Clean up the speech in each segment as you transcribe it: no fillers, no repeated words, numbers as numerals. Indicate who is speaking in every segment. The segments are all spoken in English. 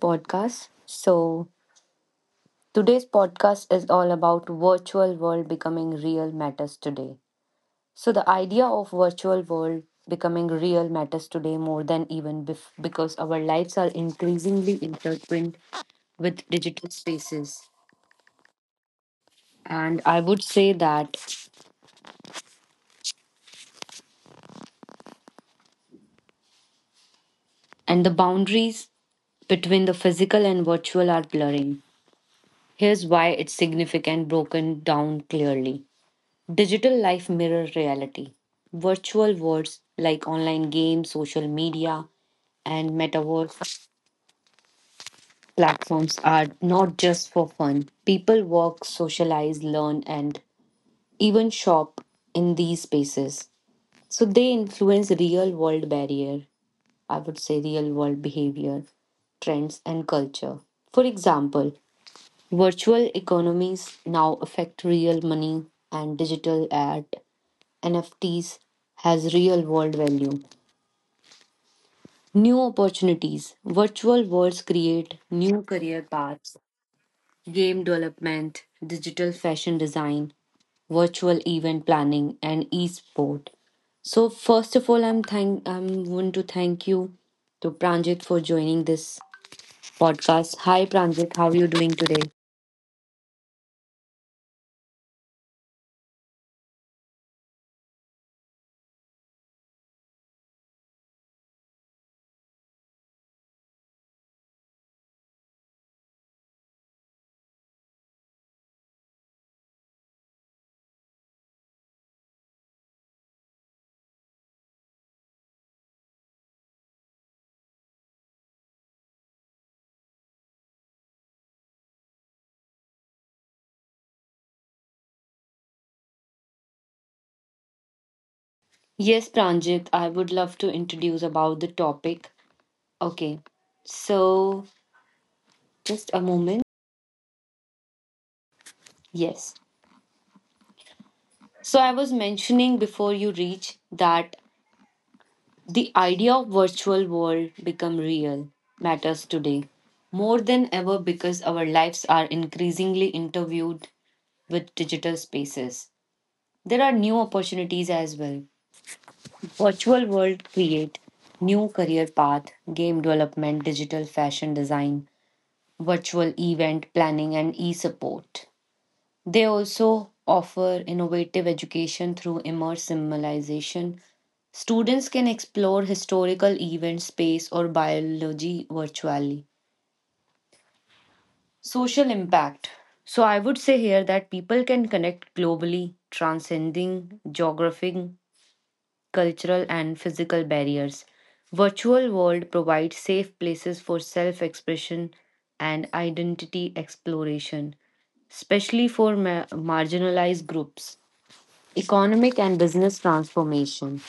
Speaker 1: podcast. So, today's podcast is all about virtual world becoming real matters today. So, the idea of virtual world becoming real matters today more than because our lives are increasingly intertwined with digital spaces. And I would say that, and the boundaries between the physical and virtual are blurring. Here's why it's significant broken down clearly. Digital life mirror reality. Virtual worlds like online games, social media, and metaverse platforms are not just for fun. People work, socialize, learn, and even shop in these spaces. So they influence I would say real world behavior, trends, and culture. For example, virtual economies now affect real money and digital art NFTs has real world value. New opportunities. Virtual worlds create new career paths. Game development, digital fashion design, virtual event planning, and e-sport. So first of all, I'm want to thank you to Pranjit for joining this podcast. Hi Pranjit, how are you doing today? Yes, Pranjit, I would love to introduce about the topic. Okay, so just a moment. Yes. So I was mentioning before you reach that the idea of virtual world become real matters today more than ever because our lives are increasingly interviewed with digital spaces. There are new opportunities as well. Virtual world create new career path, game development, digital fashion design, virtual event planning, and e-support. They also offer innovative education through immersive simulation. Students can explore historical events, space, or biology virtually. Social impact. So, I would say here that people can connect globally, transcending geographic, cultural, and physical barriers. Virtual world provides safe places for self expression and identity exploration, especially for marginalized groups. Economic and business transformation.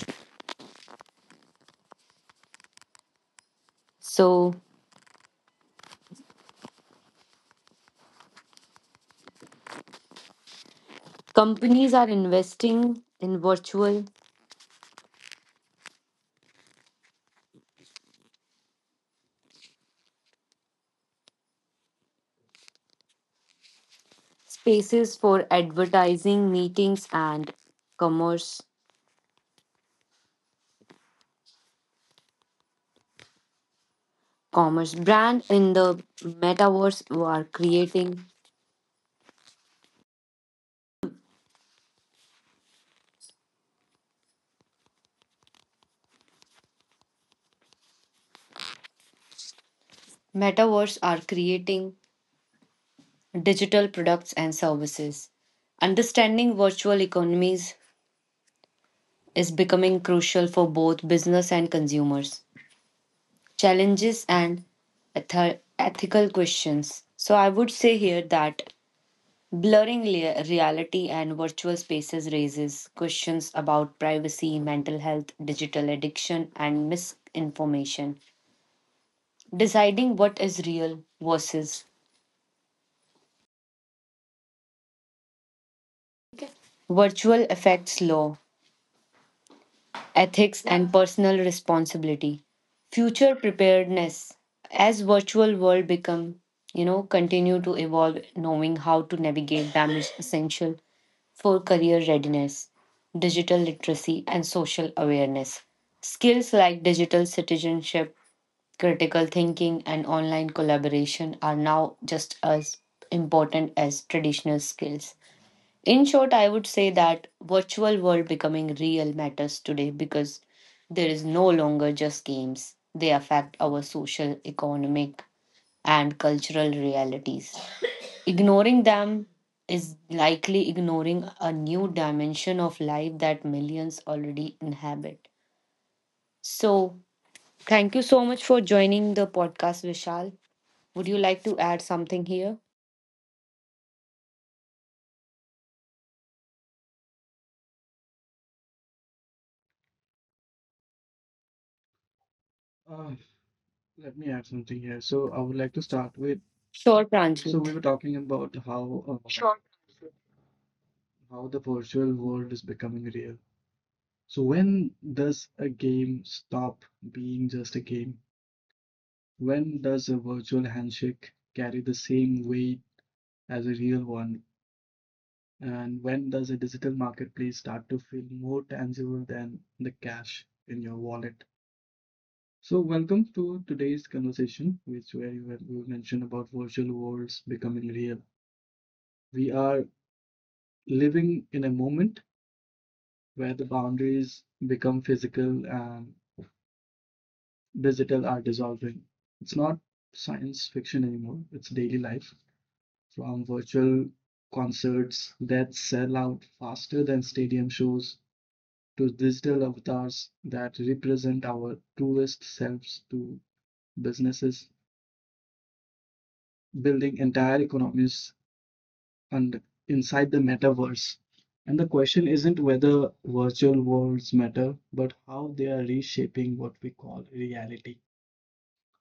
Speaker 1: So, companies are investing in virtual spaces for advertising, meetings, and commerce. Commerce brand in the metaverse are creating metaverse are creating digital products and services. Understanding virtual economies is becoming crucial for both business and consumers. Challenges and ethical questions. So I would say here that blurring reality and virtual spaces raises questions about privacy, mental health, digital addiction, and misinformation. Deciding what is real versus virtual affects law, ethics, and personal responsibility. Future preparedness. As virtual world become you know continue to evolve, knowing how to navigate them is essential for career readiness, digital literacy, and social awareness. Skills like digital citizenship, critical thinking, and online collaboration are now just as important as traditional skills. In short, I would say that virtual world becoming real matters today because there is no longer just games. They affect our social, economic, and cultural realities. Ignoring them is likely ignoring a new dimension of life that millions already inhabit. So, thank you so much for joining the podcast, Vishal. Would you like to add something here?
Speaker 2: Uh, Let me add something here. So I would like to start with.
Speaker 1: Sure,
Speaker 2: So we
Speaker 1: Pranjit.
Speaker 2: were talking about how how the virtual world is becoming real. So when does a game stop being just a game? When does a virtual handshake carry the same weight as a real one? And when does a digital marketplace start to feel more tangible than the cash in your wallet? So welcome to today's conversation, which where you have- you mentioned about virtual worlds becoming real. We are living in a moment where the boundaries become physical and digital are dissolving. It's not science fiction anymore, it's daily life. From virtual concerts that sell out faster than stadium shows, to digital avatars that represent our truest selves, to businesses building entire economies and inside the metaverse. And the question isn't whether virtual worlds matter, but how they are reshaping what we call reality.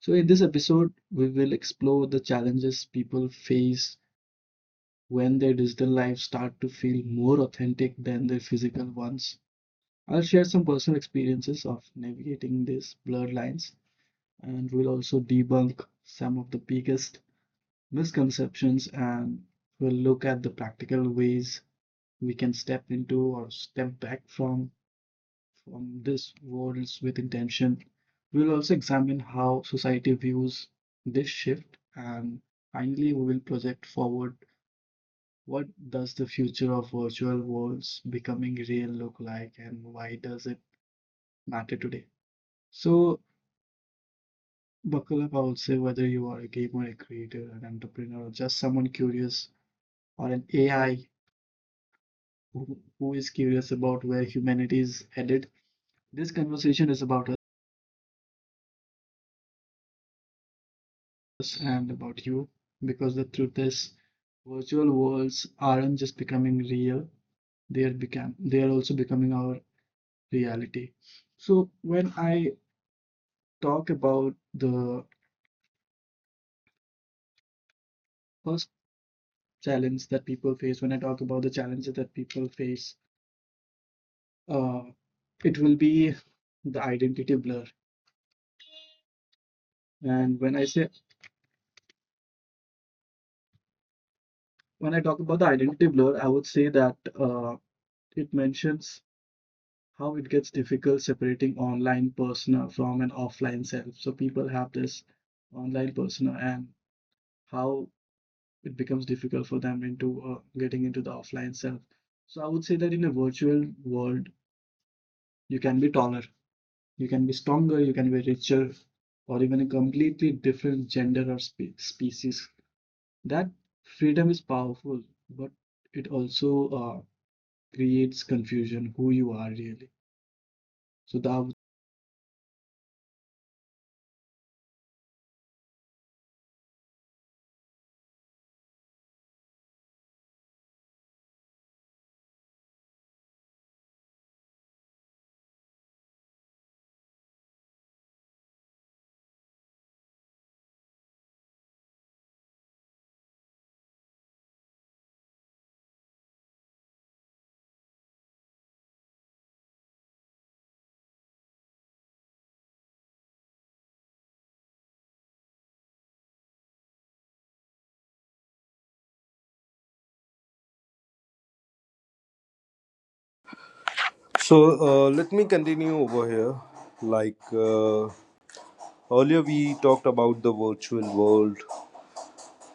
Speaker 2: So, in this episode, we will explore the challenges people face when their digital lives start to feel more authentic than their physical ones. I'll share some personal experiences of navigating these blurred lines, and we'll also debunk some of the biggest misconceptions, and we'll look at the practical ways we can step into or step back from these worlds with intention. We'll also examine how society views this shift, and finally we will project forward: what does the future of virtual worlds becoming real look like, and why does it matter today? So buckle up, I would say, whether you are a gamer, a creator, an entrepreneur, or just someone curious, or an AI who is curious about where humanity is headed. This conversation is about us and about you, because the truth is, virtual worlds aren't just becoming real, they are also becoming our reality. So when I talk about the first challenge that people face, when I talk about the challenges that people face, uh, it will be the identity blur. And when I talk about the identity blur, I would say that it mentions how it gets difficult separating online persona from an offline self. So people have this online persona and how it becomes difficult for them into getting into the offline self. So I would say that in a virtual world, you can be taller, you can be stronger, you can be richer, or even a completely different gender or species. That freedom is powerful, but it also creates confusion who you are really. So that
Speaker 3: So let me continue over here. Like earlier, we talked about the virtual world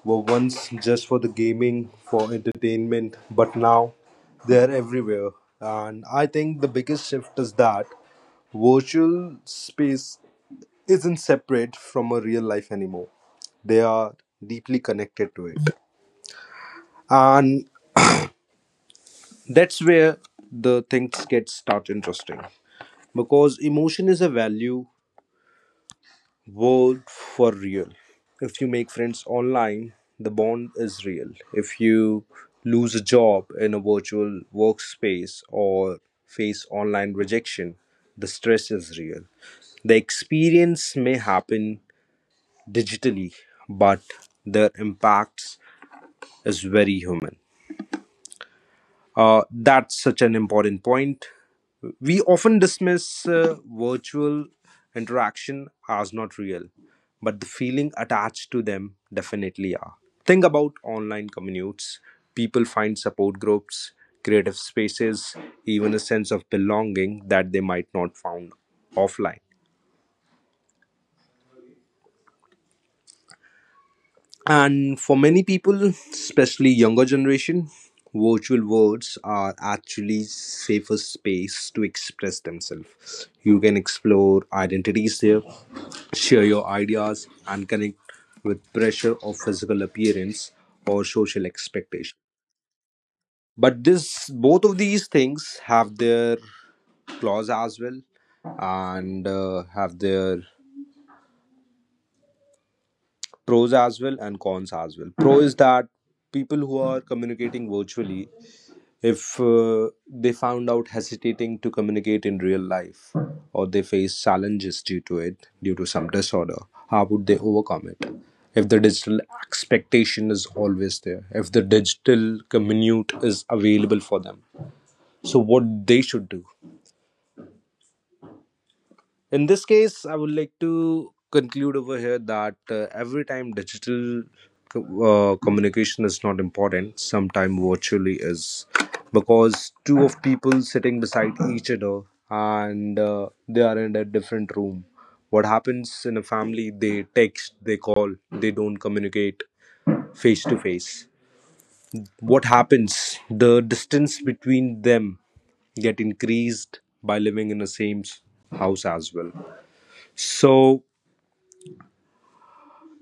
Speaker 3: were once just for the gaming, for entertainment, but now they are everywhere. And I think the biggest shift is that virtual space isn't separate from a real life anymore. They are deeply connected to it. And that's where the things get start interesting because emotion is a value world for real. If you make friends online, the bond is real. If you lose a job in a virtual workspace or face online rejection, the stress is real. The experience may happen digitally, but their impacts is very human. That's such an important point. We often dismiss virtual interaction as not real, but the feeling attached to them definitely are. Think about online commutes. People find support groups, creative spaces, even a sense of belonging that they might not found offline. And for many people, especially younger generation, virtual worlds are actually safer space to express themselves. You can explore identities there, share your ideas, and connect with pressure of physical appearance or social expectation. But this both of these things have their flaws as well and have their pros as well and cons as well. Pro is that people who are communicating virtually, if they found out hesitating to communicate in real life or they face challenges due to it, due to some disorder, how would they overcome it if the digital expectation is always there, if the digital commute is available for them? So what they should do? In this case, I would like to conclude over here that every time digital communication is not important, sometime virtually is, because two of people sitting beside each other and they are in a different room. What happens in a family? They text, they call, they don't communicate face to face. What happens? The distance between them get increased by living in the same house as well. So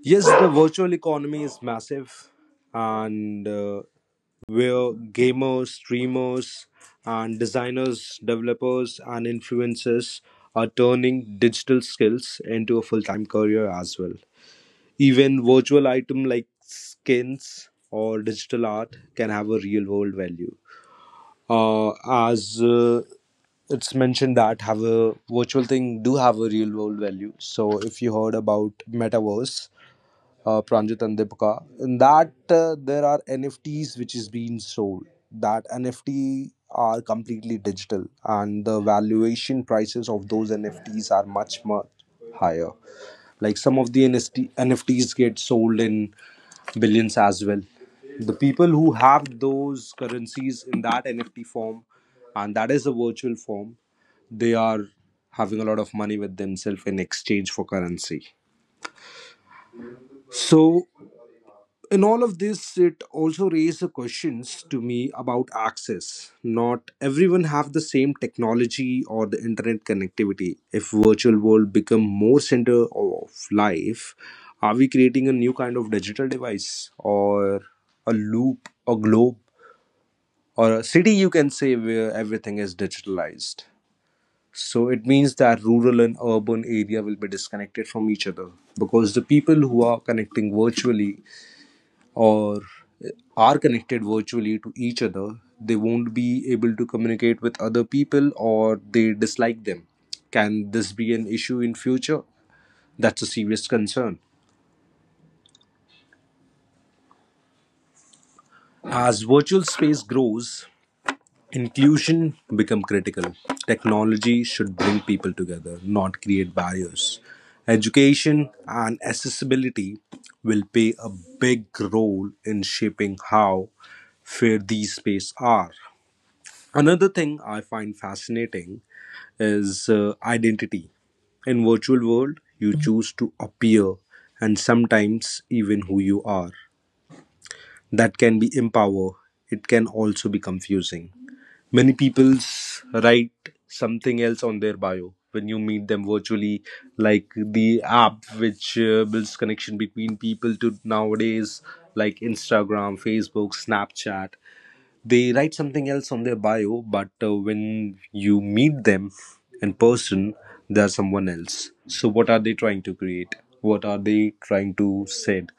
Speaker 3: yes, the virtual economy is massive, and where gamers, streamers, and designers, developers, and influencers are turning digital skills into a full time career as well. Even virtual item like skins or digital art can have a real world value. Uh, as it's mentioned that have a virtual thing do have a real world value. So if you heard about metaverse, Pranjit and Deepika. In that, there are NFTs which is being sold. That NFT are completely digital, and the valuation prices of those NFTs are much much higher. Like some of the NFTs get sold in billions as well. The people who have those currencies in that NFT form, and that is a virtual form, they are having a lot of money with themselves in exchange for currency. So in all of this, it also raised the questions to me about access. Not everyone have the same technology or the internet connectivity. If virtual world become more center of life, are we creating a new kind of digital device or a loop, a globe, or a city, you can say, where everything is digitalized? So it means that rural and urban area will be disconnected from each other, because the people who are connecting virtually or uh, are connected virtually to each other, they won't be able to communicate with other people or they dislike them. Can this be an issue in future? That's a serious concern. As virtual space grows, inclusion become critical. Technology should bring people together, not create barriers. Education and accessibility will play a big role in shaping how fair these spaces are. Another thing I find fascinating is identity. In virtual world, you choose to appear and sometimes even who you are. That can be empower. It can also be confusing. Many people write something else on their bio when you meet them virtually, like the app which builds connection between people to nowadays, like Instagram, Facebook, Snapchat. They write something else on their bio, but when you meet them in person, they are someone else. So, what are they trying to create? What are they trying to send?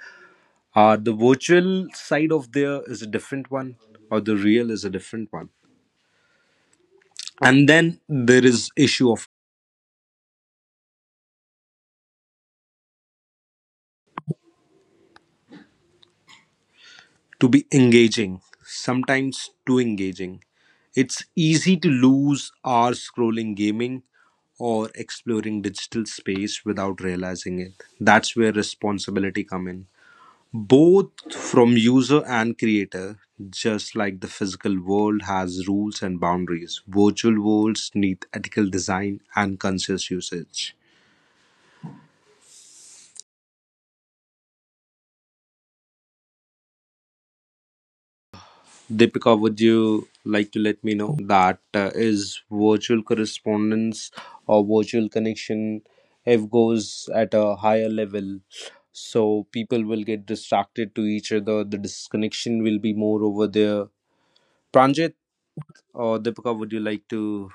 Speaker 3: The virtual side of there is a different one, or the real is a different one. And then there is issue of to be engaging, sometimes too engaging. It's easy to lose hours scrolling gaming or exploring digital space without realizing it. That's where responsibility come in. Both from user and creator, just like the physical world has rules and boundaries, virtual worlds need ethical design and conscious usage. Deepika, would you like to let me know that is virtual correspondence or virtual connection, if goes at a higher level? So people will get distracted to each other. The disconnection will be more over there. Pranjit or Deepika, would you like to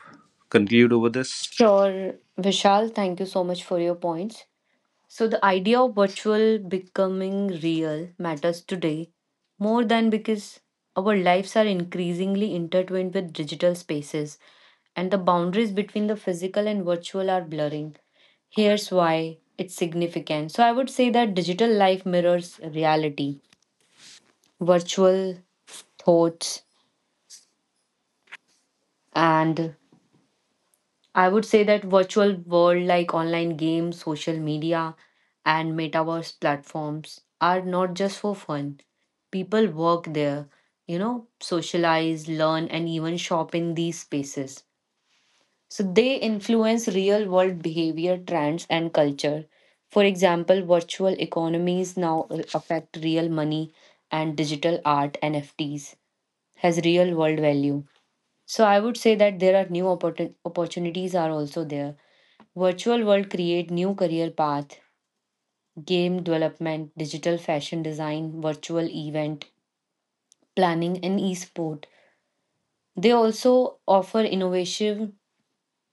Speaker 3: conclude over this?
Speaker 1: Sure, Vishal. Thank you so much for your points. So, the idea of virtual becoming real matters today more than because our lives are increasingly intertwined with digital spaces, and the boundaries between the physical and virtual are blurring. Here's why it's significant. So, I would say that digital life mirrors reality, virtual thoughts, and I would say that virtual world like online games, social media, and metaverse platforms are not just for fun. People work there, socialize, learn, and even shop in these spaces. So they influence real world behavior, trends, and culture. For example, virtual economies now affect real money, and digital art NFTs has real world value. So I would say that there are new opportunities are also there. Virtual world create new career path, game development, digital fashion design, virtual event planning, and e-sport. They also offer innovative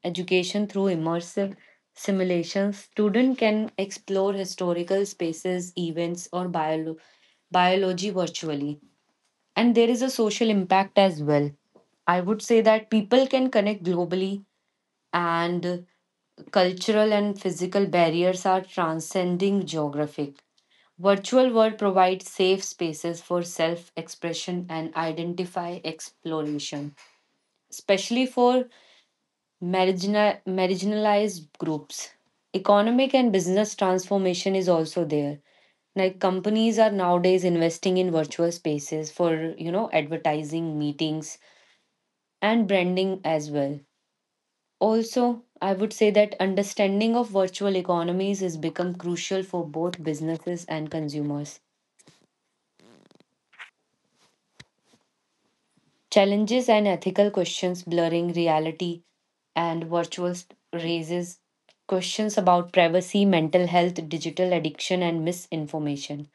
Speaker 1: education through immersive simulations. Student can explore historical spaces, events, or biology virtually. And there is a social impact as well. I would say that people can connect globally, and cultural and physical barriers are transcending geographic. Virtual world provides safe spaces for self-expression and identify exploration, especially for marginalized groups. Economic and business transformation is also there. Like companies are nowadays investing in virtual spaces for, you know, advertising, meetings, and branding as well. Also, I would say that understanding of virtual economies has become crucial for both businesses and consumers. Challenges and ethical questions, blurring reality and virtual raises questions about privacy, mental health, digital addiction, and misinformation.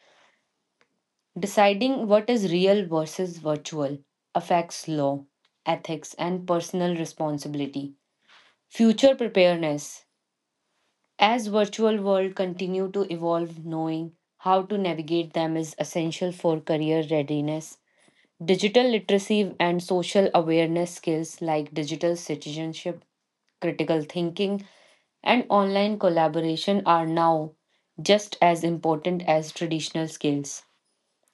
Speaker 1: Deciding what is real versus virtual affects law, ethics, and personal responsibility. Future preparedness. As virtual world continue to evolve, knowing how to navigate them is essential for career readiness, digital literacy, and social awareness. Skills like digital citizenship, critical thinking, and online collaboration are now just as important as traditional skills.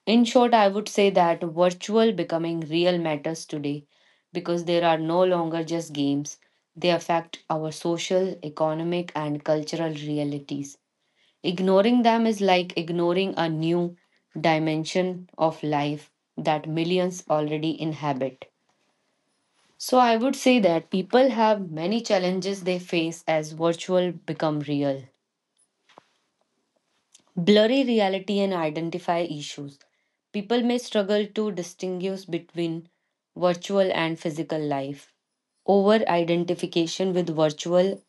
Speaker 1: In short, I would say that virtual becoming real matters today because there are no longer just games, they affect our social, economic, and cultural realities. Ignoring them is like ignoring a new dimension of life that millions already inhabit. So, I would say that people have many challenges they face as virtual become real. Blurry reality and identify issues. People may struggle to distinguish between virtual and physical life. Over identification with virtual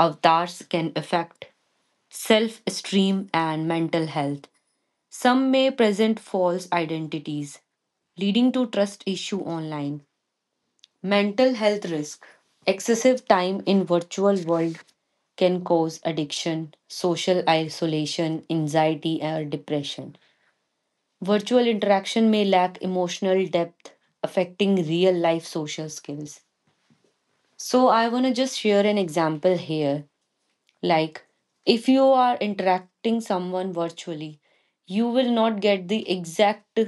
Speaker 1: avatars can affect self esteem and mental health. Some may present false identities, leading to trust issue online. Mental health risk. Excessive time in virtual world can cause addiction, social isolation, anxiety, or depression. Virtual interaction may lack emotional depth, affecting real life social skills. So, I want to just share an example here. Like, if you are interacting someone virtually, you will not get the exact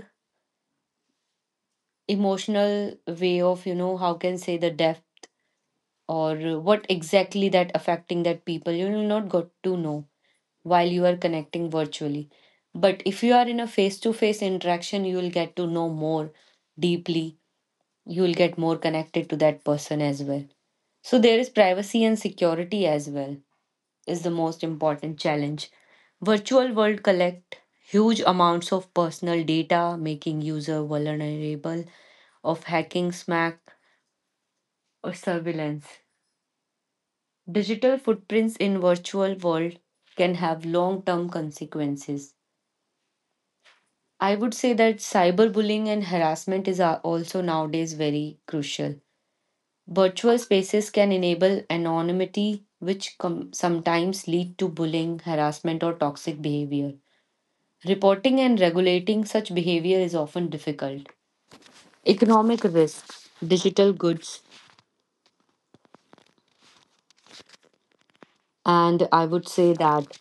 Speaker 1: emotional way of, you know, how can say the depth or what exactly that affecting that people you will not got to know while you are connecting virtually, but if you are in a face to face interaction, you will get to know more deeply, you will get more connected to that person as well. So, there is privacy and security as well is the most important challenge. Virtual world collect huge amounts of personal data, making user vulnerable of hacking, smack, or surveillance. Digital footprints in virtual world can have long-term consequences. I would say that cyberbullying and harassment is also nowadays very crucial. Virtual spaces can enable anonymity, which sometimes lead to bullying, harassment, or toxic behavior. Reporting and regulating such behavior is often difficult. Economic risk, digital goods, and I would say that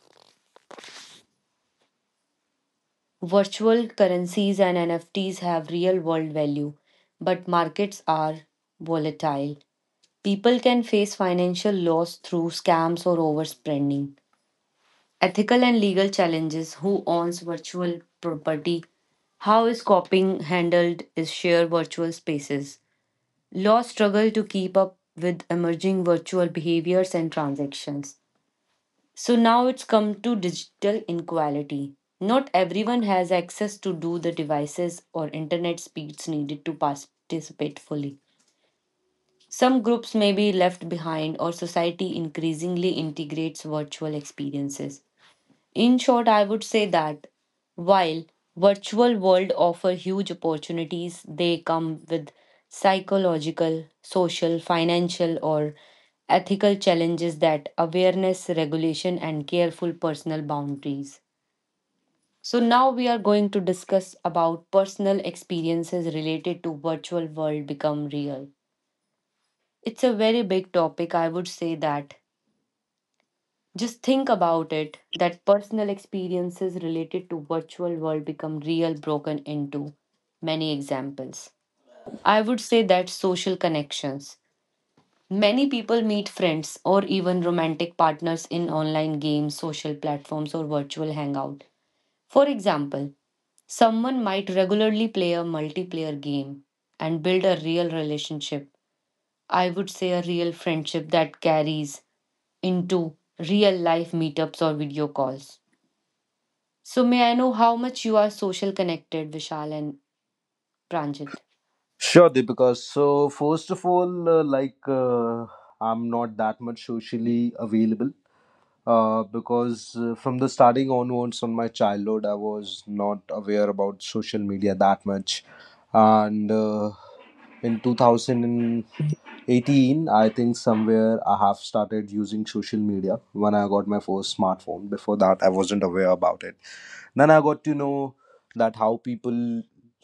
Speaker 1: virtual currencies and NFTs have real world value, but markets are volatile. People can face financial loss through scams or overspending. Ethical and legal challenges. Who owns virtual property? How is copying handled? Is share virtual spaces? Law struggle to keep up with emerging virtual behaviors and transactions. So now it's come to digital inequality. Not everyone has access to do the devices or internet speeds needed to participate fully. Some groups may be left behind, or society increasingly integrates virtual experiences. In short, I would say that while virtual world offer huge opportunities, they come with psychological, social, financial, or ethical challenges that awareness, regulation, and careful personal boundaries. So now we are going to discuss about personal experiences related to virtual world become real. It's a very big topic. I would say that. Just think about it that personal experiences related to virtual world become real broken into many examples. I would say that social connections. Many people meet friends or even romantic partners in online games, social platforms, or virtual hangout. For example, someone might regularly play a multiplayer game and build a real relationship, I would say a real friendship that carries into real life meetups or video calls. So, may I know how much you are social connected, Vishal and Pranjit?
Speaker 3: Sure, Deepika. So, first of all, like I'm not that much socially available because from the starting onwards on my childhood, I was not aware about social media that much. And in two thousand 18, I think somewhere I have started using social media when I got my first smartphone. Before that, I wasn't aware about it. Then I got to know that how people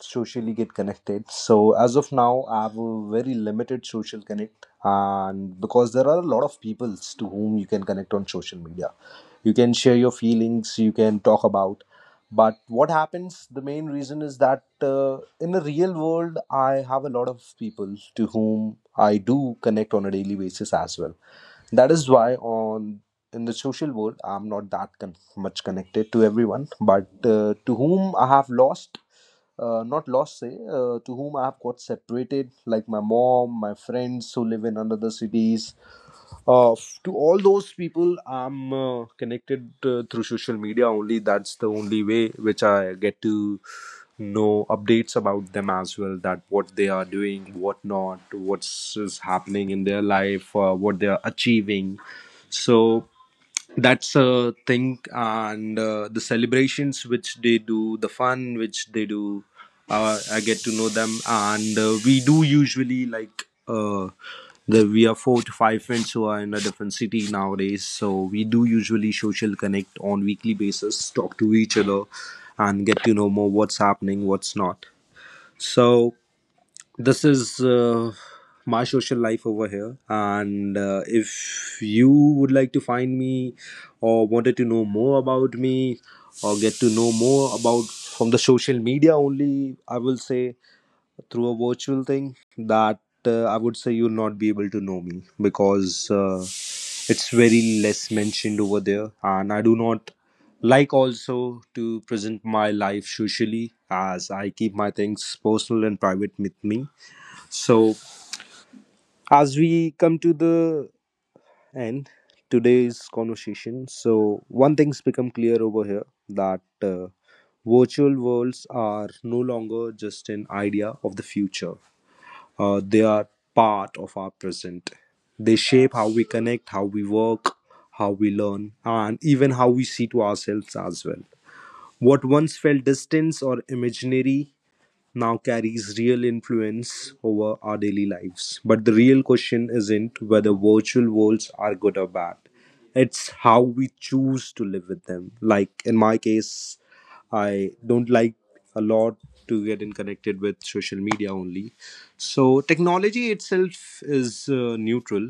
Speaker 3: socially get connected. So as of now, I have a very limited social connect, and because there are a lot of people to whom you can connect on social media, you can share your feelings, you can talk about. But what happens, the main reason is that in the real world, I have a lot of people to whom I do connect on a daily basis as well. That is why on in the social world, I'm not that much connected to everyone, but to whom I have lost, not lost, say, to whom I have got separated, like my mom, my friends who live in another cities, to all those people, I'm connected through social media only. That's the only way which I get to know updates about them as well. That what they are doing, what not, what's is happening in their life, what they are achieving. So that's a thing, and the celebrations which they do, the fun which they do, I get to know them. And we do usually like we are 4 to 5 friends who are in a different city nowadays, so we do usually social connect on weekly basis, talk to each other and get to know more what's happening, what's not. So this is my social life over here. And if you would like to find me or wanted to know more about me or get to know more about from the social media only, I will say through a virtual thing, that I would say you'll not be able to know me, because it's very less mentioned over there, and I do not like also to present my life socially as I keep my things personal and private with me. So, as we come to the end today's conversation, so one thing's become clear over here that virtual worlds are no longer just an idea of the future. They are part of our present. They shape how we connect, how we work, how we learn, and even how we see to ourselves as well. What once felt distant or imaginary now carries real influence over our daily lives. But the real question isn't whether virtual worlds are good or bad, it's how we choose to live with them. Like in my case, I don't like a lot to get in connected with social media only. So technology itself is neutral,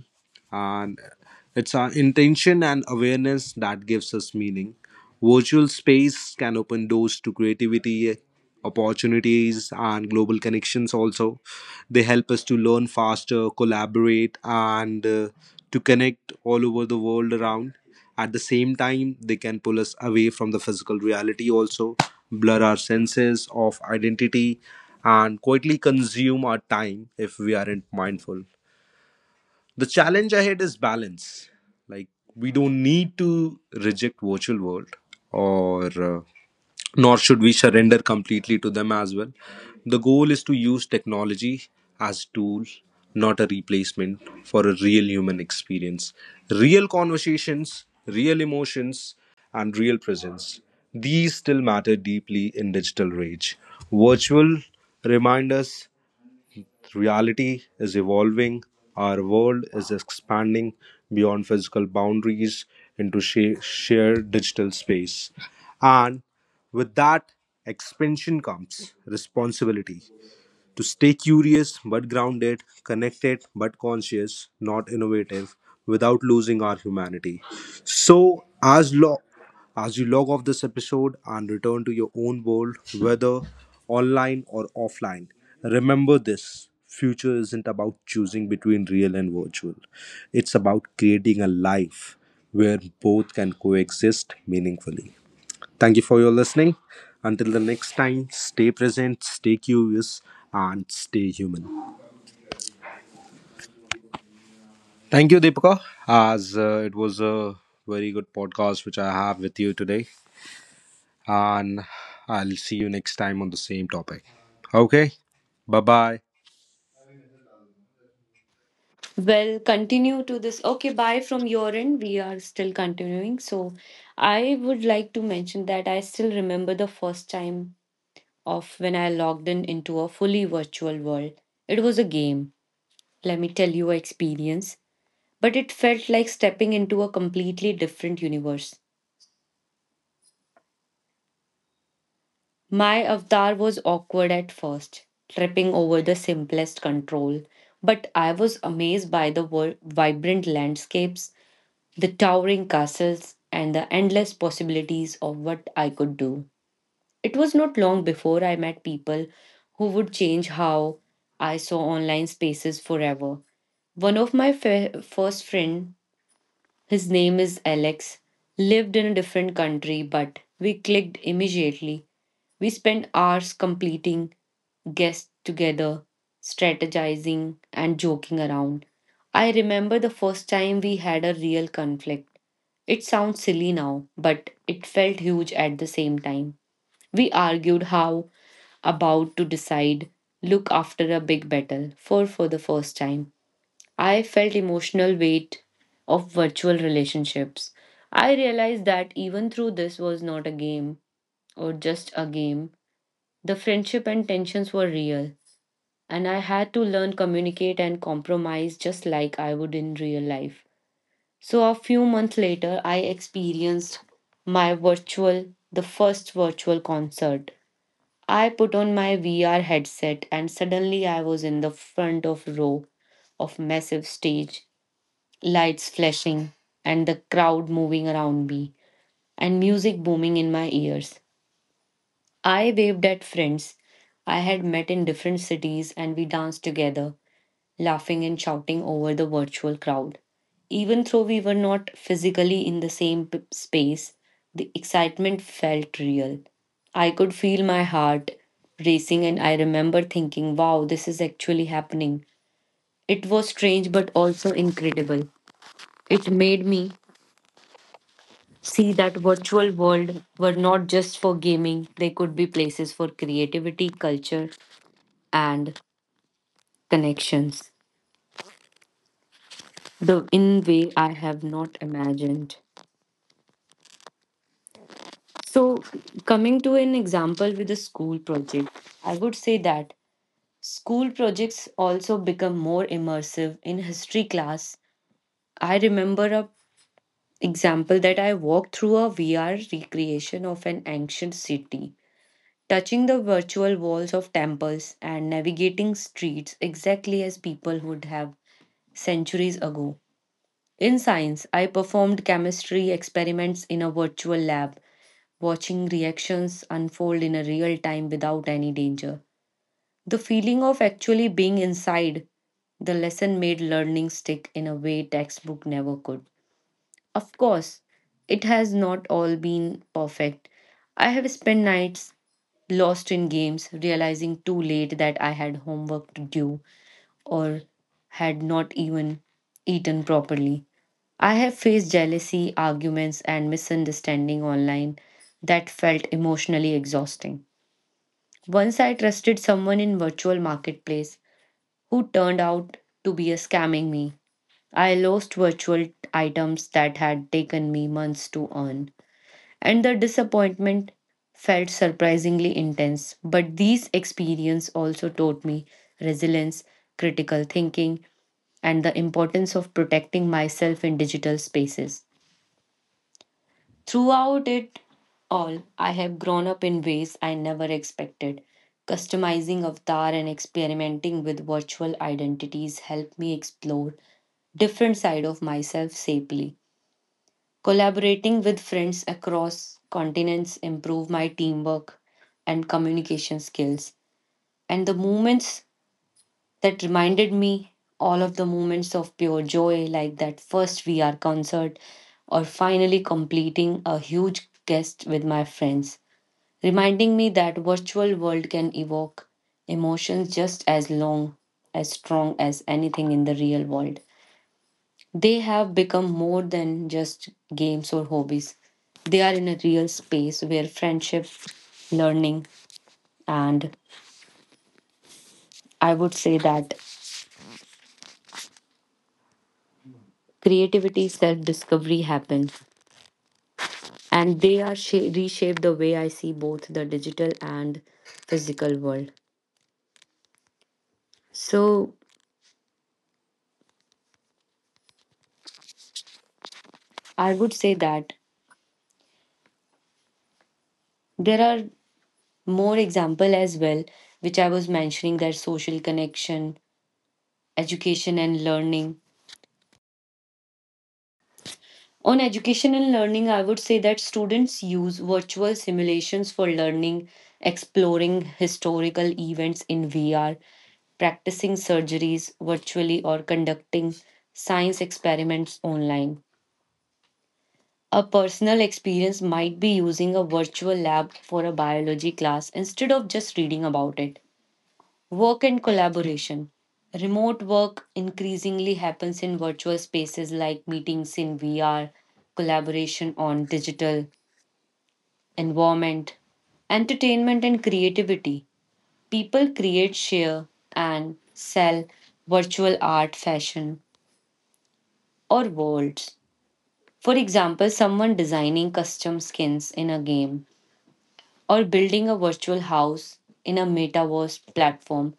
Speaker 3: and it's our intention and awareness that gives us meaning. Virtual space can open doors to creativity, opportunities, and global connections. Also, they help us to learn faster, collaborate, and to connect all over the world around. At the same time, they can pull us away from the physical reality, also blur our senses of identity and quietly consume our time if we aren't mindful. The challenge ahead is balance. Like we don't need to reject virtual world, or nor should we surrender completely to them as well. The goal is to use technology as tool, not a replacement for a real human experience. Real conversations, real emotions, and real presence these still matter deeply in digital rage virtual remind us. Reality is evolving, our world is expanding beyond physical boundaries into shared digital space. And with that expansion comes responsibility to stay curious but grounded, connected but conscious, not innovative, without losing our humanity. So, as you log off this episode and return to your own world, whether online or offline, remember this: future isn't about choosing between real and virtual. It's about creating a life where both can coexist meaningfully. Thank you for your listening. Until the next time, stay present, stay curious, and stay human. Thank you, Deepika, as it was a very good podcast which I have with you today. And I'll see you next time on the same topic. Okay, bye bye.
Speaker 1: Well, continue to this. Okay, bye from your end. We are still continuing. So, I would like to mention that I still remember the first time of when I logged in into a fully virtual world. It was a game. Let me tell you a experience, but it felt like stepping into a completely different universe. My avatar was awkward at first, tripping over the simplest control, but I was amazed by the vibrant landscapes, the towering castles, and the endless possibilities of what I could do. It was not long before I met people who would change how I saw online spaces forever. One of my first friend, his name is Alex, lived in a different country, but we clicked immediately. We spent hours completing guests together, strategizing, and joking around. I remember the first time we had a real conflict. It sounds silly now, but it felt huge at the same time. We argued how about to decide, look after a big battle for the first time. I felt emotional weight of virtual relationships. I realized that even though this was not a game or just a game, the friendship and tensions were real, and I had to learn communicate and compromise just like I would in real life. So a few months later, I experienced my virtual the first virtual concert. I put on my VR headset, and suddenly I was in the front of row of massive stage, lights flashing, and the crowd moving around me, and music booming in my ears. I waved at friends I had met in different cities, and we danced together, laughing and shouting over the virtual crowd. Even though we were not physically in the same space, the excitement felt real. I could feel my heart racing, and I remember thinking, wow, this is actually happening. It was strange but also incredible. It made me see that virtual world were not just for gaming, they could be places for creativity, culture, and connections the in way I have not imagined. So coming to an example with a school project, I would say that school projects also become more immersive. In history class, I remember a example that I walked through a VR recreation of an ancient city, touching the virtual walls of temples and navigating streets exactly as people would have centuries ago. In science, I performed chemistry experiments in a virtual lab, watching reactions unfold in a real time without any danger. The feeling of actually being inside the lesson made learning stick in a way textbook never could. Of course, it has not all been perfect. I have spent nights lost in games, realizing too late that I had homework to do or had not even eaten properly. I have faced jealousy, arguments, and misunderstanding online that felt emotionally exhausting. Once I trusted someone in virtual marketplace who turned out to be a scamming me. I lost virtual items that had taken me months to earn, and the disappointment felt surprisingly intense. But these experiences also taught me resilience, critical thinking, and the importance of protecting myself in digital spaces. Throughout it all, I have grown up in ways I never expected. Customizing avatar and experimenting with virtual identities helped me explore different side of myself safely. Collaborating with friends across continents improved my teamwork and communication skills. And the moments that reminded me all of the moments of pure joy, like that first VR concert or finally completing a huge guest with my friends, reminding me that virtual world can evoke emotions just as long as strong as anything in the real world. They have become more than just games or hobbies. They are in a real space where friendship, learning, and I would say that creativity, self discovery happen. And they are reshape the way I see both the digital and physical world. So I would say that there are more example as well, which I was mentioning that social connection, education, and learning. On education and learning, I would say that students use virtual simulations for learning, exploring historical events in VR, practicing surgeries virtually, or conducting science experiments online. A personal experience might be using a virtual lab for a biology class instead of just reading about it. Work and collaboration. Remote work increasingly happens in virtual spaces like meetings in VR, collaboration on digital environment, entertainment, and creativity. People create, share, and sell virtual art, fashion, or worlds. For example, someone designing custom skins in a game or building a virtual house in a metaverse platform.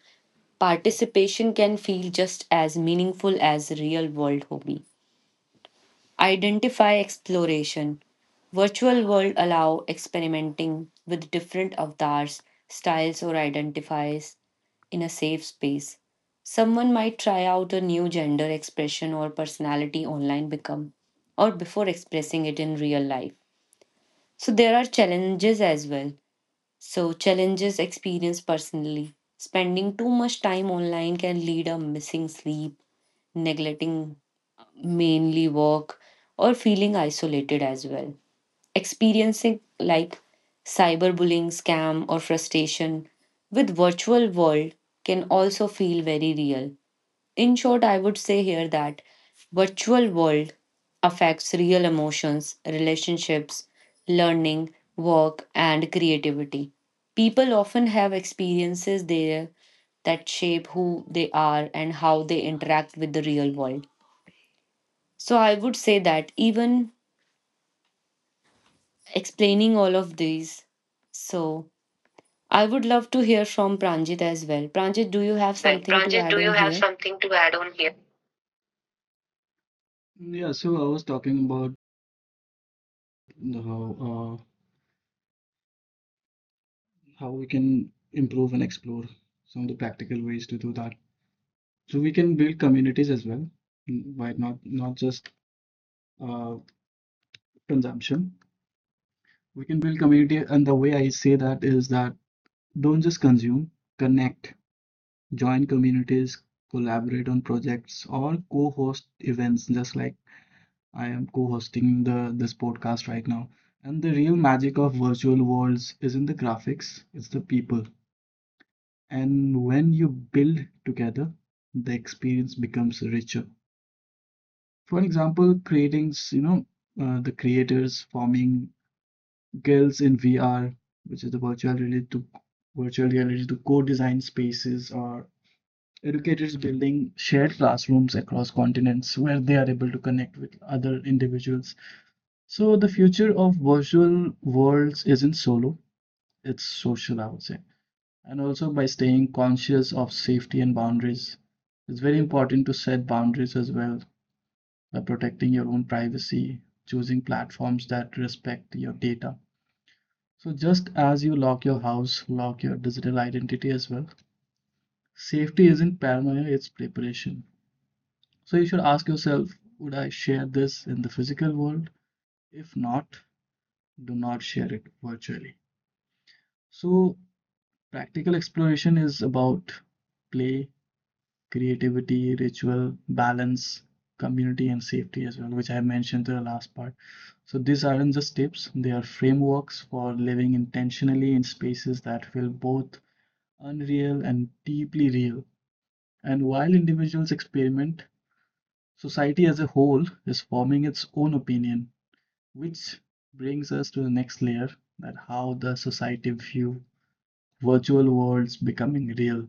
Speaker 1: Participation can feel just as meaningful as real world hobby. Identify exploration. Virtual world allow experimenting with different avatars, styles, or identifies in a safe space. Someone might try out a new gender expression or personality online become or before expressing it in real life. So there are challenges as well. So challenges experienced personally. Spending too much time online can lead a missing sleep, neglecting mainly work, or feeling isolated as well. Experiencing like cyberbullying, scam, or frustration with virtual world can also feel very real. In short, I would say here that virtual world affects real emotions, relationships, learning, work, and creativity. People often have experiences there that shape who they are and how they interact with the real world. So I would say that even explaining all of these. So I would love to hear from Pranjit as well. Pranjit, do you have
Speaker 2: well.
Speaker 1: something to
Speaker 2: Pranjit,
Speaker 1: add
Speaker 2: do you
Speaker 1: on
Speaker 2: have
Speaker 1: here?
Speaker 2: something to add on here? Yeah, so I was talking about how uh, how we can improve and explore some of the practical ways to do that. So we can build communities as well, by not just uh, consumption. We can build community, and the way I say that is that don't just consume, connect, join communities, collaborate on projects, or co-host events, just like I am co-hosting the this podcast right now. And the real magic of virtual worlds isn't the graphics, it's the people. And when you build together, the experience becomes richer. For an example, creatings, the creators forming guilds in VR, which is the virtual reality to virtual reality, to co-design spaces, or educators building shared classrooms across continents where they are able to connect with other individuals. So the future of virtual worlds isn't solo, it's social, I would say. And also by staying conscious of safety and boundaries. It's very important to set boundaries as well, by protecting your own privacy, choosing platforms that respect your data. So just as you lock your house, lock your digital identity as well. Safety isn't paranoia, it's preparation. So you should ask yourself, would I share this in the physical world? If not, do not share it virtually. So practical exploration is about play, creativity, ritual, balance, community, and safety as well, which I mentioned in the last part. So these aren't just tips, they are frameworks for living intentionally in spaces that feel both unreal and deeply real. And while individuals experiment, society as a whole is forming its own opinion, which brings us to the next layer: that how the society view virtual worlds becoming real.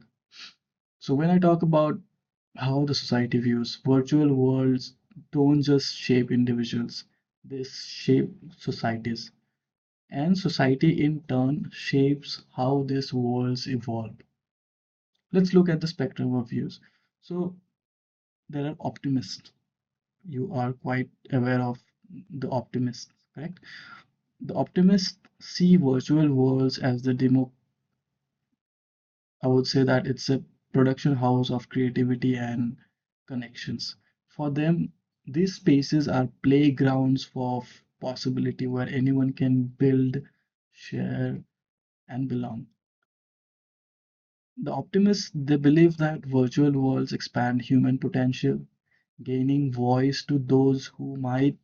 Speaker 2: So when I talk about how the society views virtual worlds, don't just shape individuals, they shape societies. And society in turn shapes how these worlds evolve. Let's look at the spectrum of views. So there are optimists. You are quite aware of the optimists, correct? The optimists see virtual worlds as the demo, I would say that it's a production house of creativity and connections. For them, these spaces are playgrounds for possibility, where anyone can build, share, and belong. The optimists, they believe that virtual worlds expand human potential, gaining voice to those who might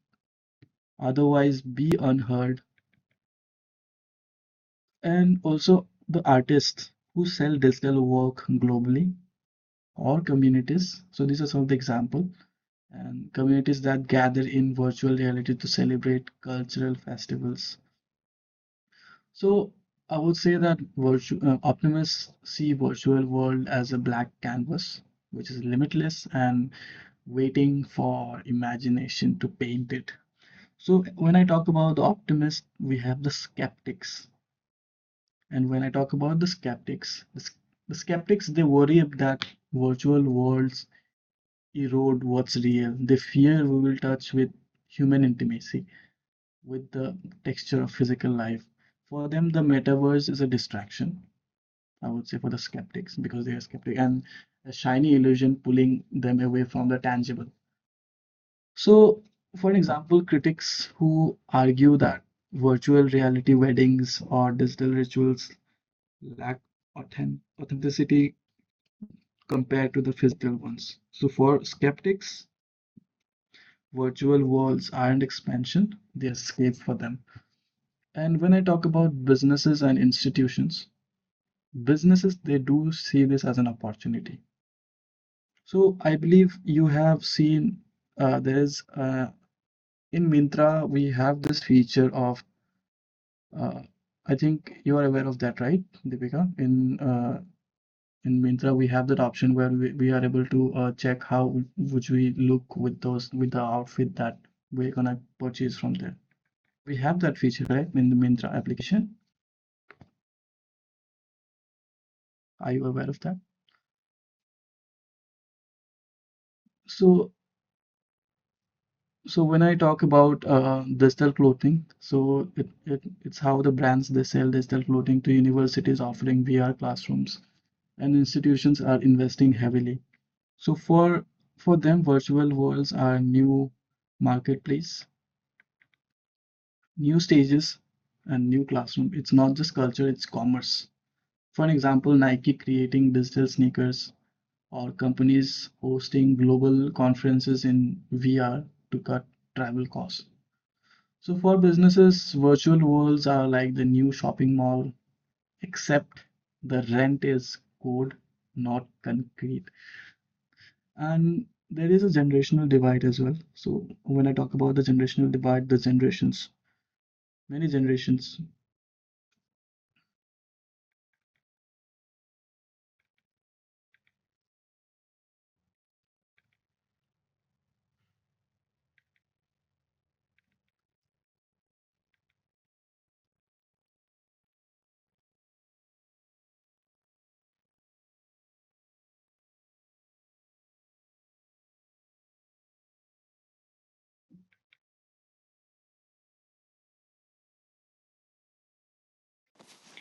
Speaker 2: otherwise be unheard, and also the artists who sell digital work globally, or communities. So these are some of the examples, and communities that gather in virtual reality to celebrate cultural festivals. So I would say that optimists see virtual world as a black canvas, which is limitless and waiting for imagination to paint it. So when I talk about the optimist, we have the skeptics. And when I talk about the skeptics, the skeptics, they worry that virtual worlds erode what's real. They fear we will touch with human intimacy with the texture of physical life. For them, the metaverse is a distraction, I would say, for the skeptics, because they are skeptic, and a shiny illusion pulling them away from the tangible. So, for example, critics who argue that virtual reality weddings or digital rituals lack authenticity compared to the physical ones. So, for skeptics, virtual worlds aren't expansion, they escape for them. And when I talk about businesses and institutions, businesses they do see this as an opportunity. So I believe you have seen, there is in Mintra we have this feature of uh, I think you are aware of that, right, Deepika? In Mintra we have that option where we are able to check how would we look with those, with the outfit that we're gonna purchase from there. We have that feature, right, in the Mintra application? Are you aware of that? So, so when I talk about digital clothing, so it's how the brands they sell digital clothing to universities offering VR classrooms, and institutions are investing heavily. So for them, virtual worlds are new marketplace, new stages, and new classroom. It's not just culture, it's commerce. For example, Nike creating digital sneakers, or companies hosting global conferences in VR to cut travel costs. So for businesses, virtual worlds are like the new shopping mall, except the rent is code, not concrete. And there is a generational divide as well. So when I talk about the generational divide, the generations, many generations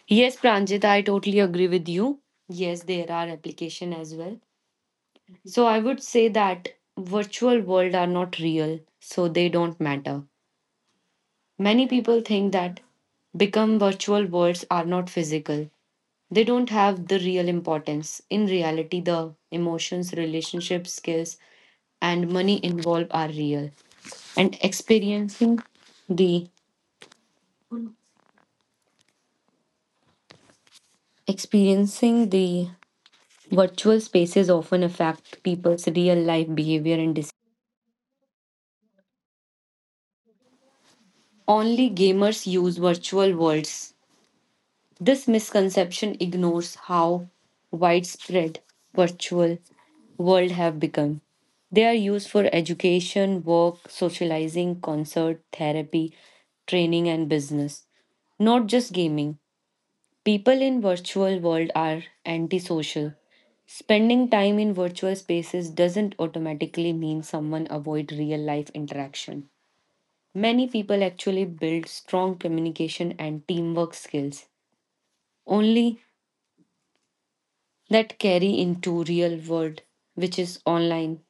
Speaker 1: Yes, Pranjit, I totally agree with you. Yes, there are application as well. So I would say that virtual world are not real, so they don't matter. Many people think that become virtual worlds are not physical. They don't have the real importance. In reality, the emotions, relationships, skills, and money involved are real. And experiencing the the virtual spaces often affect people's real life behavior and decisions. Only gamers use virtual worlds. This misconception ignores how widespread virtual world have become. They are used for education, work, socializing, concert, therapy, training, and business. Not just gaming. People in virtual world are antisocial. Spending time in virtual spaces doesn't automatically mean someone avoid real life interaction. Many people actually build strong communication and teamwork skills only that carry into real world, which is online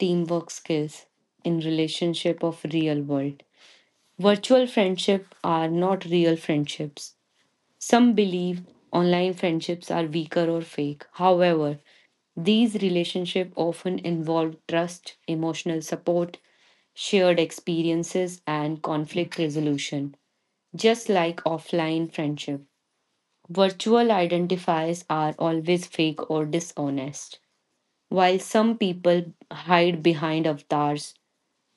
Speaker 1: teamwork skills in relationship of real world. Virtual friendship are not real friendships. Some believe online friendships are weaker or fake. However, these relationships often involve trust, emotional support, shared experiences, and conflict resolution just like offline friendship. Virtual identifiers are always fake or dishonest. While some people hide behind avatars,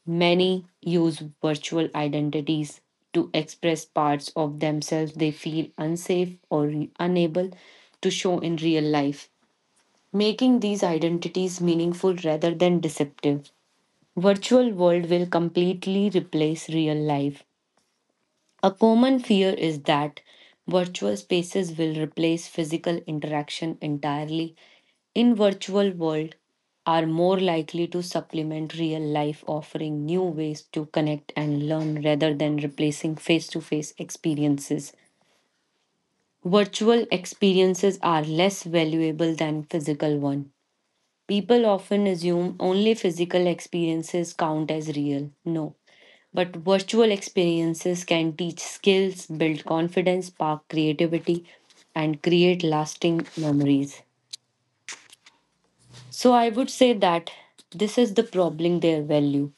Speaker 1: many use virtual identities to express parts of themselves they feel unsafe or unable to show in real life, making these identities meaningful rather than deceptive. Virtual world will completely replace real life. A common fear is that virtual spaces will replace physical interaction entirely. In virtual world are more likely to supplement real life, offering new ways to connect and learn rather than replacing face-to-face experiences. Virtual experiences are less valuable than physical one. People often assume only physical experiences count as real. No, but virtual experiences can teach skills, build confidence, spark creativity, and create lasting memories. So I would say that this is the problem their value.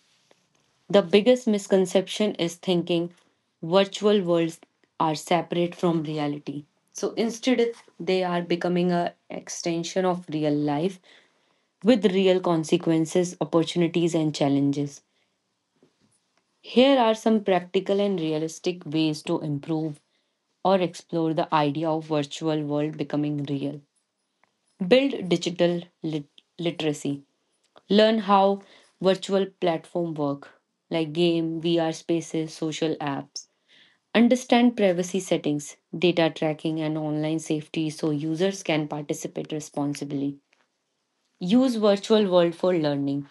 Speaker 1: The biggest misconception is thinking virtual worlds are separate from reality. So instead, they are becoming an extension of real life with real consequences, opportunities, and challenges. Here are some practical and realistic ways to improve or explore the idea of virtual world becoming real. Build digital literacy. Learn how virtual platform work, like game, VR spaces, social apps. Understand privacy settings, data tracking, and online safety so users can participate responsibly. Use virtual world for learning.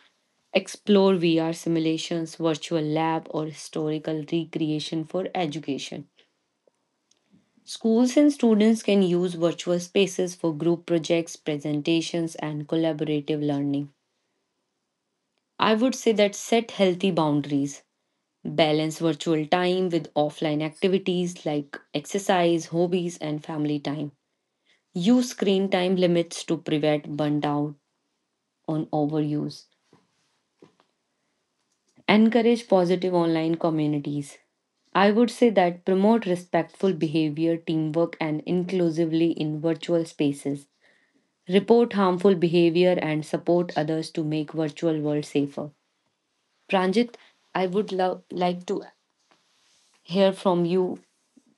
Speaker 1: Explore VR simulations, virtual lab, or historical recreation for education. Schools and students can use virtual spaces for group projects, presentations, and collaborative learning. I would say that set healthy boundaries. Balance virtual time with offline activities like exercise, hobbies, and family time. Use screen time limits to prevent burnout on overuse. Encourage positive online communities. I would say that promote respectful behavior, teamwork, and inclusively in virtual spaces. Report harmful behavior and support others to make virtual world safer. Pranjit, I would love like to hear from you.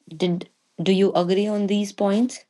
Speaker 1: Did Do you agree on these points?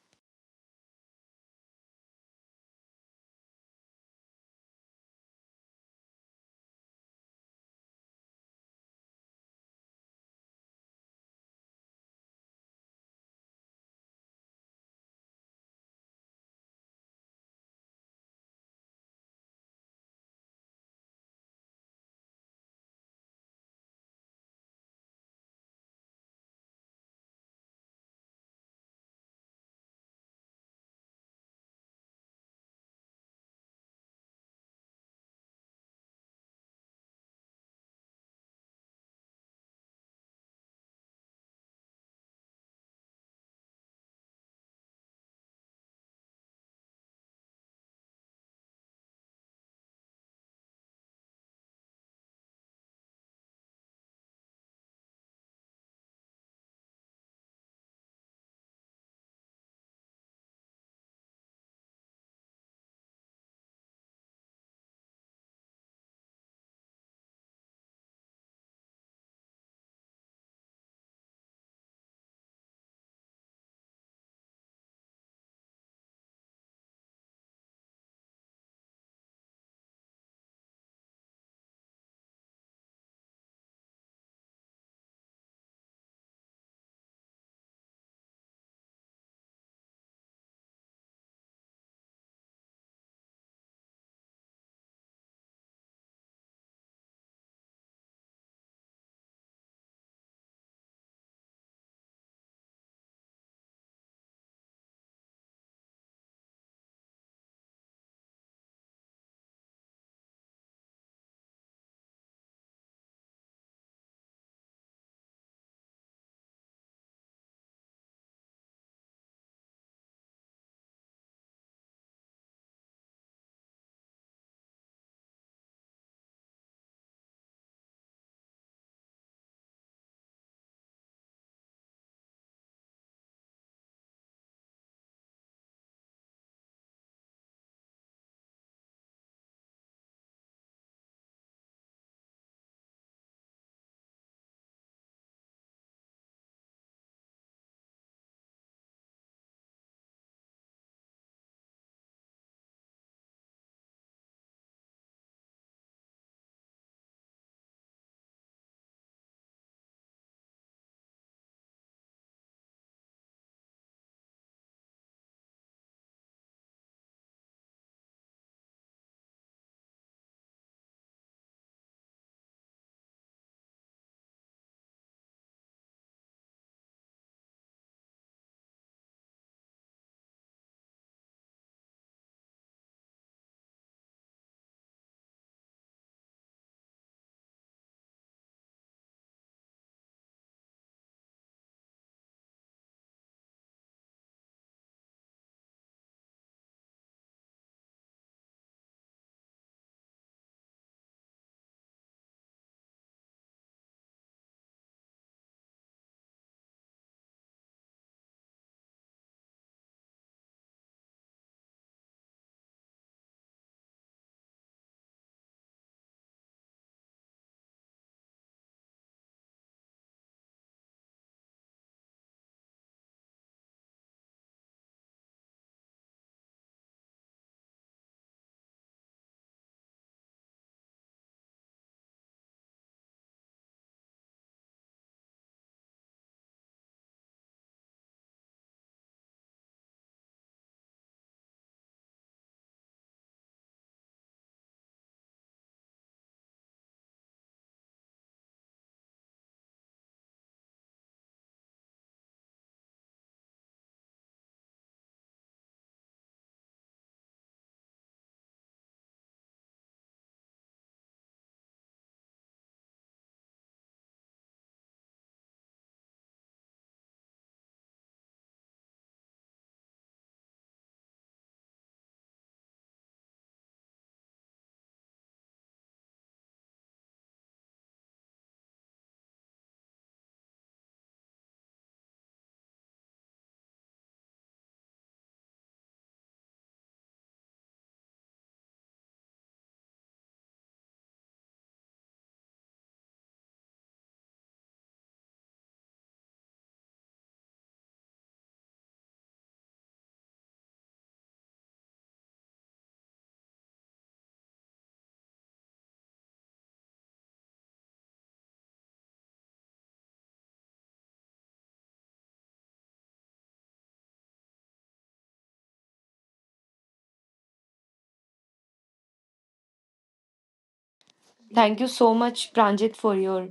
Speaker 1: Thank you so much, Pranjit, for your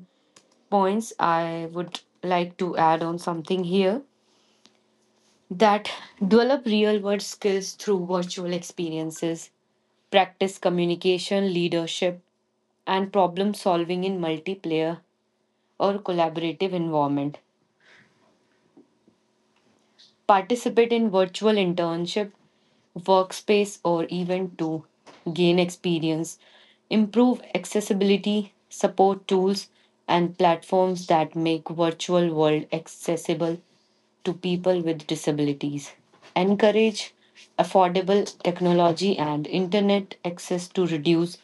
Speaker 1: points. I would like to add on something here. That develop real world skills through virtual experiences, practice communication, leadership, and problem solving in multiplayer or collaborative environment. Participate in virtual internship, workspace, or event to gain experience. Improve accessibility, support tools and platforms that make virtual world accessible to people with disabilities. Encourage affordable technology and internet access to reduce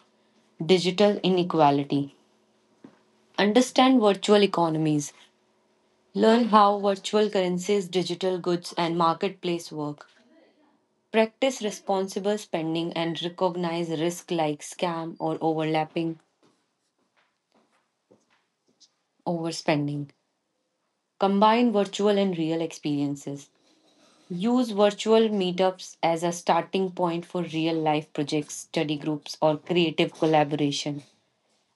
Speaker 1: digital inequality. Understand virtual economies. Learn how virtual currencies, digital goods, and marketplace work. Practice responsible spending and recognize risk like scam or overlapping overspending. Combine virtual and real experiences. Use virtual meetups as a starting point for real life projects, study groups, or creative collaboration.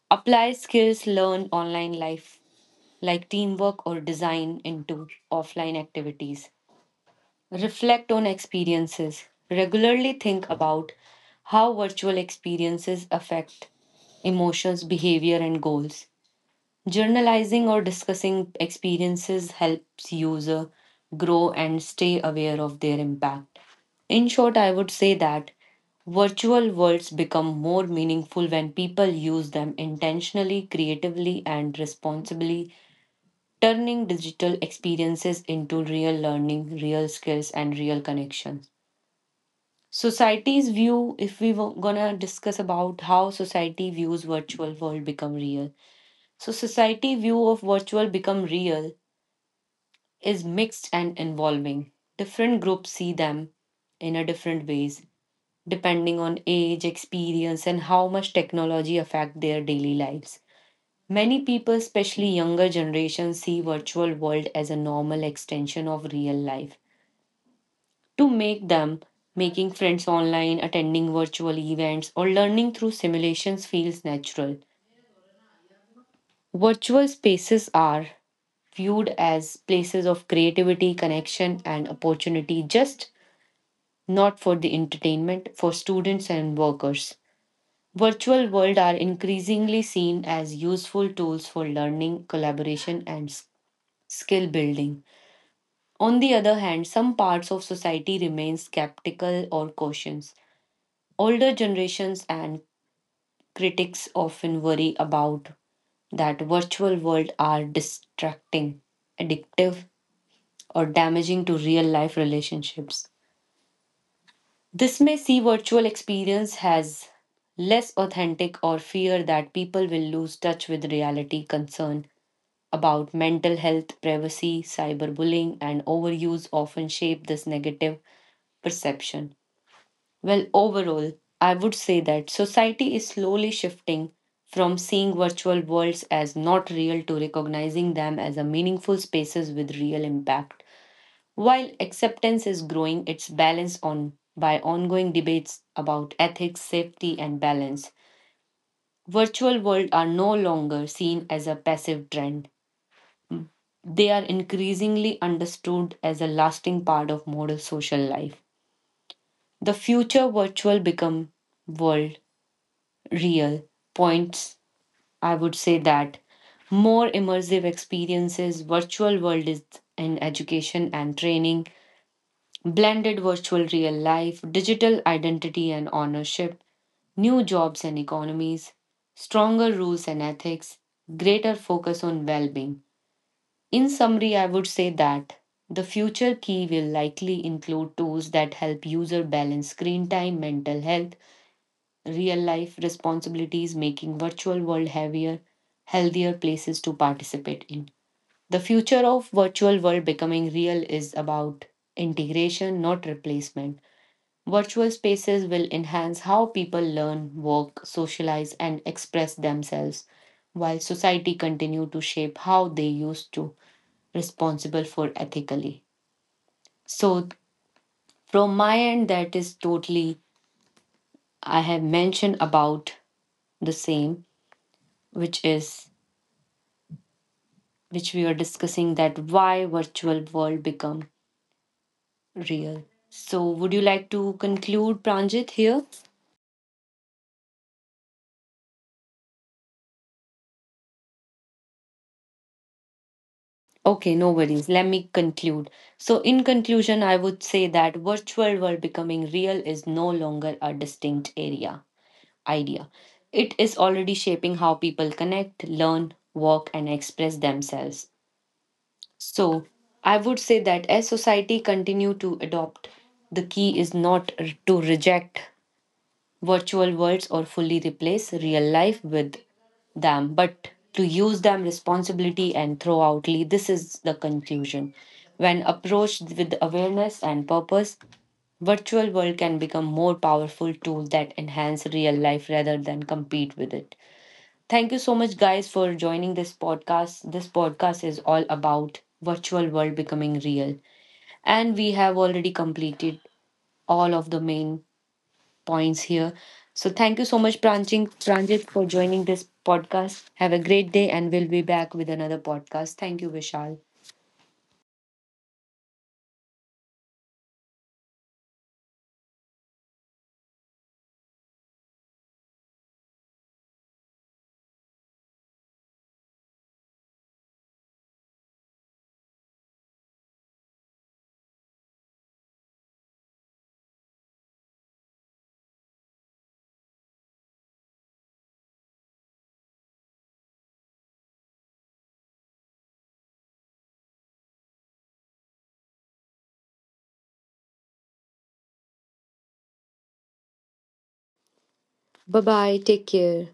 Speaker 1: Apply skills learned online life like teamwork or design into offline activities. Reflect on experiences. Regularly think about how virtual experiences affect emotions, behavior, and goals. Journalizing or discussing experiences helps user grow and stay aware of their impact. In short, I would say that virtual worlds become more meaningful when people use them intentionally, creatively, and responsibly, turning digital experiences into real learning, real skills, and real connections. Society's view. If we were gonna discuss about how society views virtual world become real. So society view of virtual become real is mixed and involving. Different groups see them in a different ways, depending on age, experience, and how much technology affect their daily lives. Many people, especially younger generations, see virtual world as a normal extension of real life. To make them, making friends online, attending virtual events, or learning through simulations feels natural. Virtual spaces are viewed as places of creativity, connection, and opportunity, just not for the entertainment for students and workers. Virtual world are increasingly seen as useful tools for learning, collaboration, and skill building. On the other hand, some parts of society remain skeptical or cautious. Older generations and critics often worry about that virtual world are distracting, addictive, or damaging to real life relationships. This may see virtual experience as less authentic or fear that people will lose touch with reality. Concern about mental health, privacy, cyberbullying, and overuse often shape this negative perception. Well, overall, I would say that society is slowly shifting from seeing virtual worlds as not real to recognizing them as a meaningful spaces with real impact. While acceptance is growing, it's balanced on by ongoing debates about ethics, safety, and balance. Virtual worlds are no longer seen as a passive trend. They are increasingly understood as a lasting part of modern social life. The future virtual become world real points, I would say that more immersive experiences, virtual world is in education and training, blended virtual real life, digital identity and ownership, new jobs and economies, stronger rules and ethics, greater focus on well being. In summary, I would say that the future key will likely include tools that help user balance screen time, mental health, real life responsibilities, making virtual world heavier healthier places to participate in. The future of virtual world becoming real is about integration, not replacement. Virtual spaces will enhance how people learn, work, socialize, and express themselves while society continue to shape how they used to responsible for ethically. So from my end, that is totally I have mentioned about the same, which is which we were discussing that why virtual world become real. So would you like to conclude, Pranjit, here? Okay, no worries. Let me conclude. So in conclusion, I would say that virtual world becoming real is no longer a distinct area idea. It is already shaping how people connect, learn, work, and express themselves. So I would say that as society continue to adopt, the key is not to reject virtual worlds or fully replace real life with them, but to use them responsibility and throw out lead. This is the conclusion. When approached with awareness and purpose, virtual world can become more powerful tool that enhance real life rather than compete with it. Thank you so much guys for joining this podcast. This podcast is all about virtual world becoming real, and we have already completed all of the main points here. So thank you so much, Pranjit, for joining this podcast. Have a great day, and we'll be back with another podcast. Thank you, Vishal. Bye bye. Take care.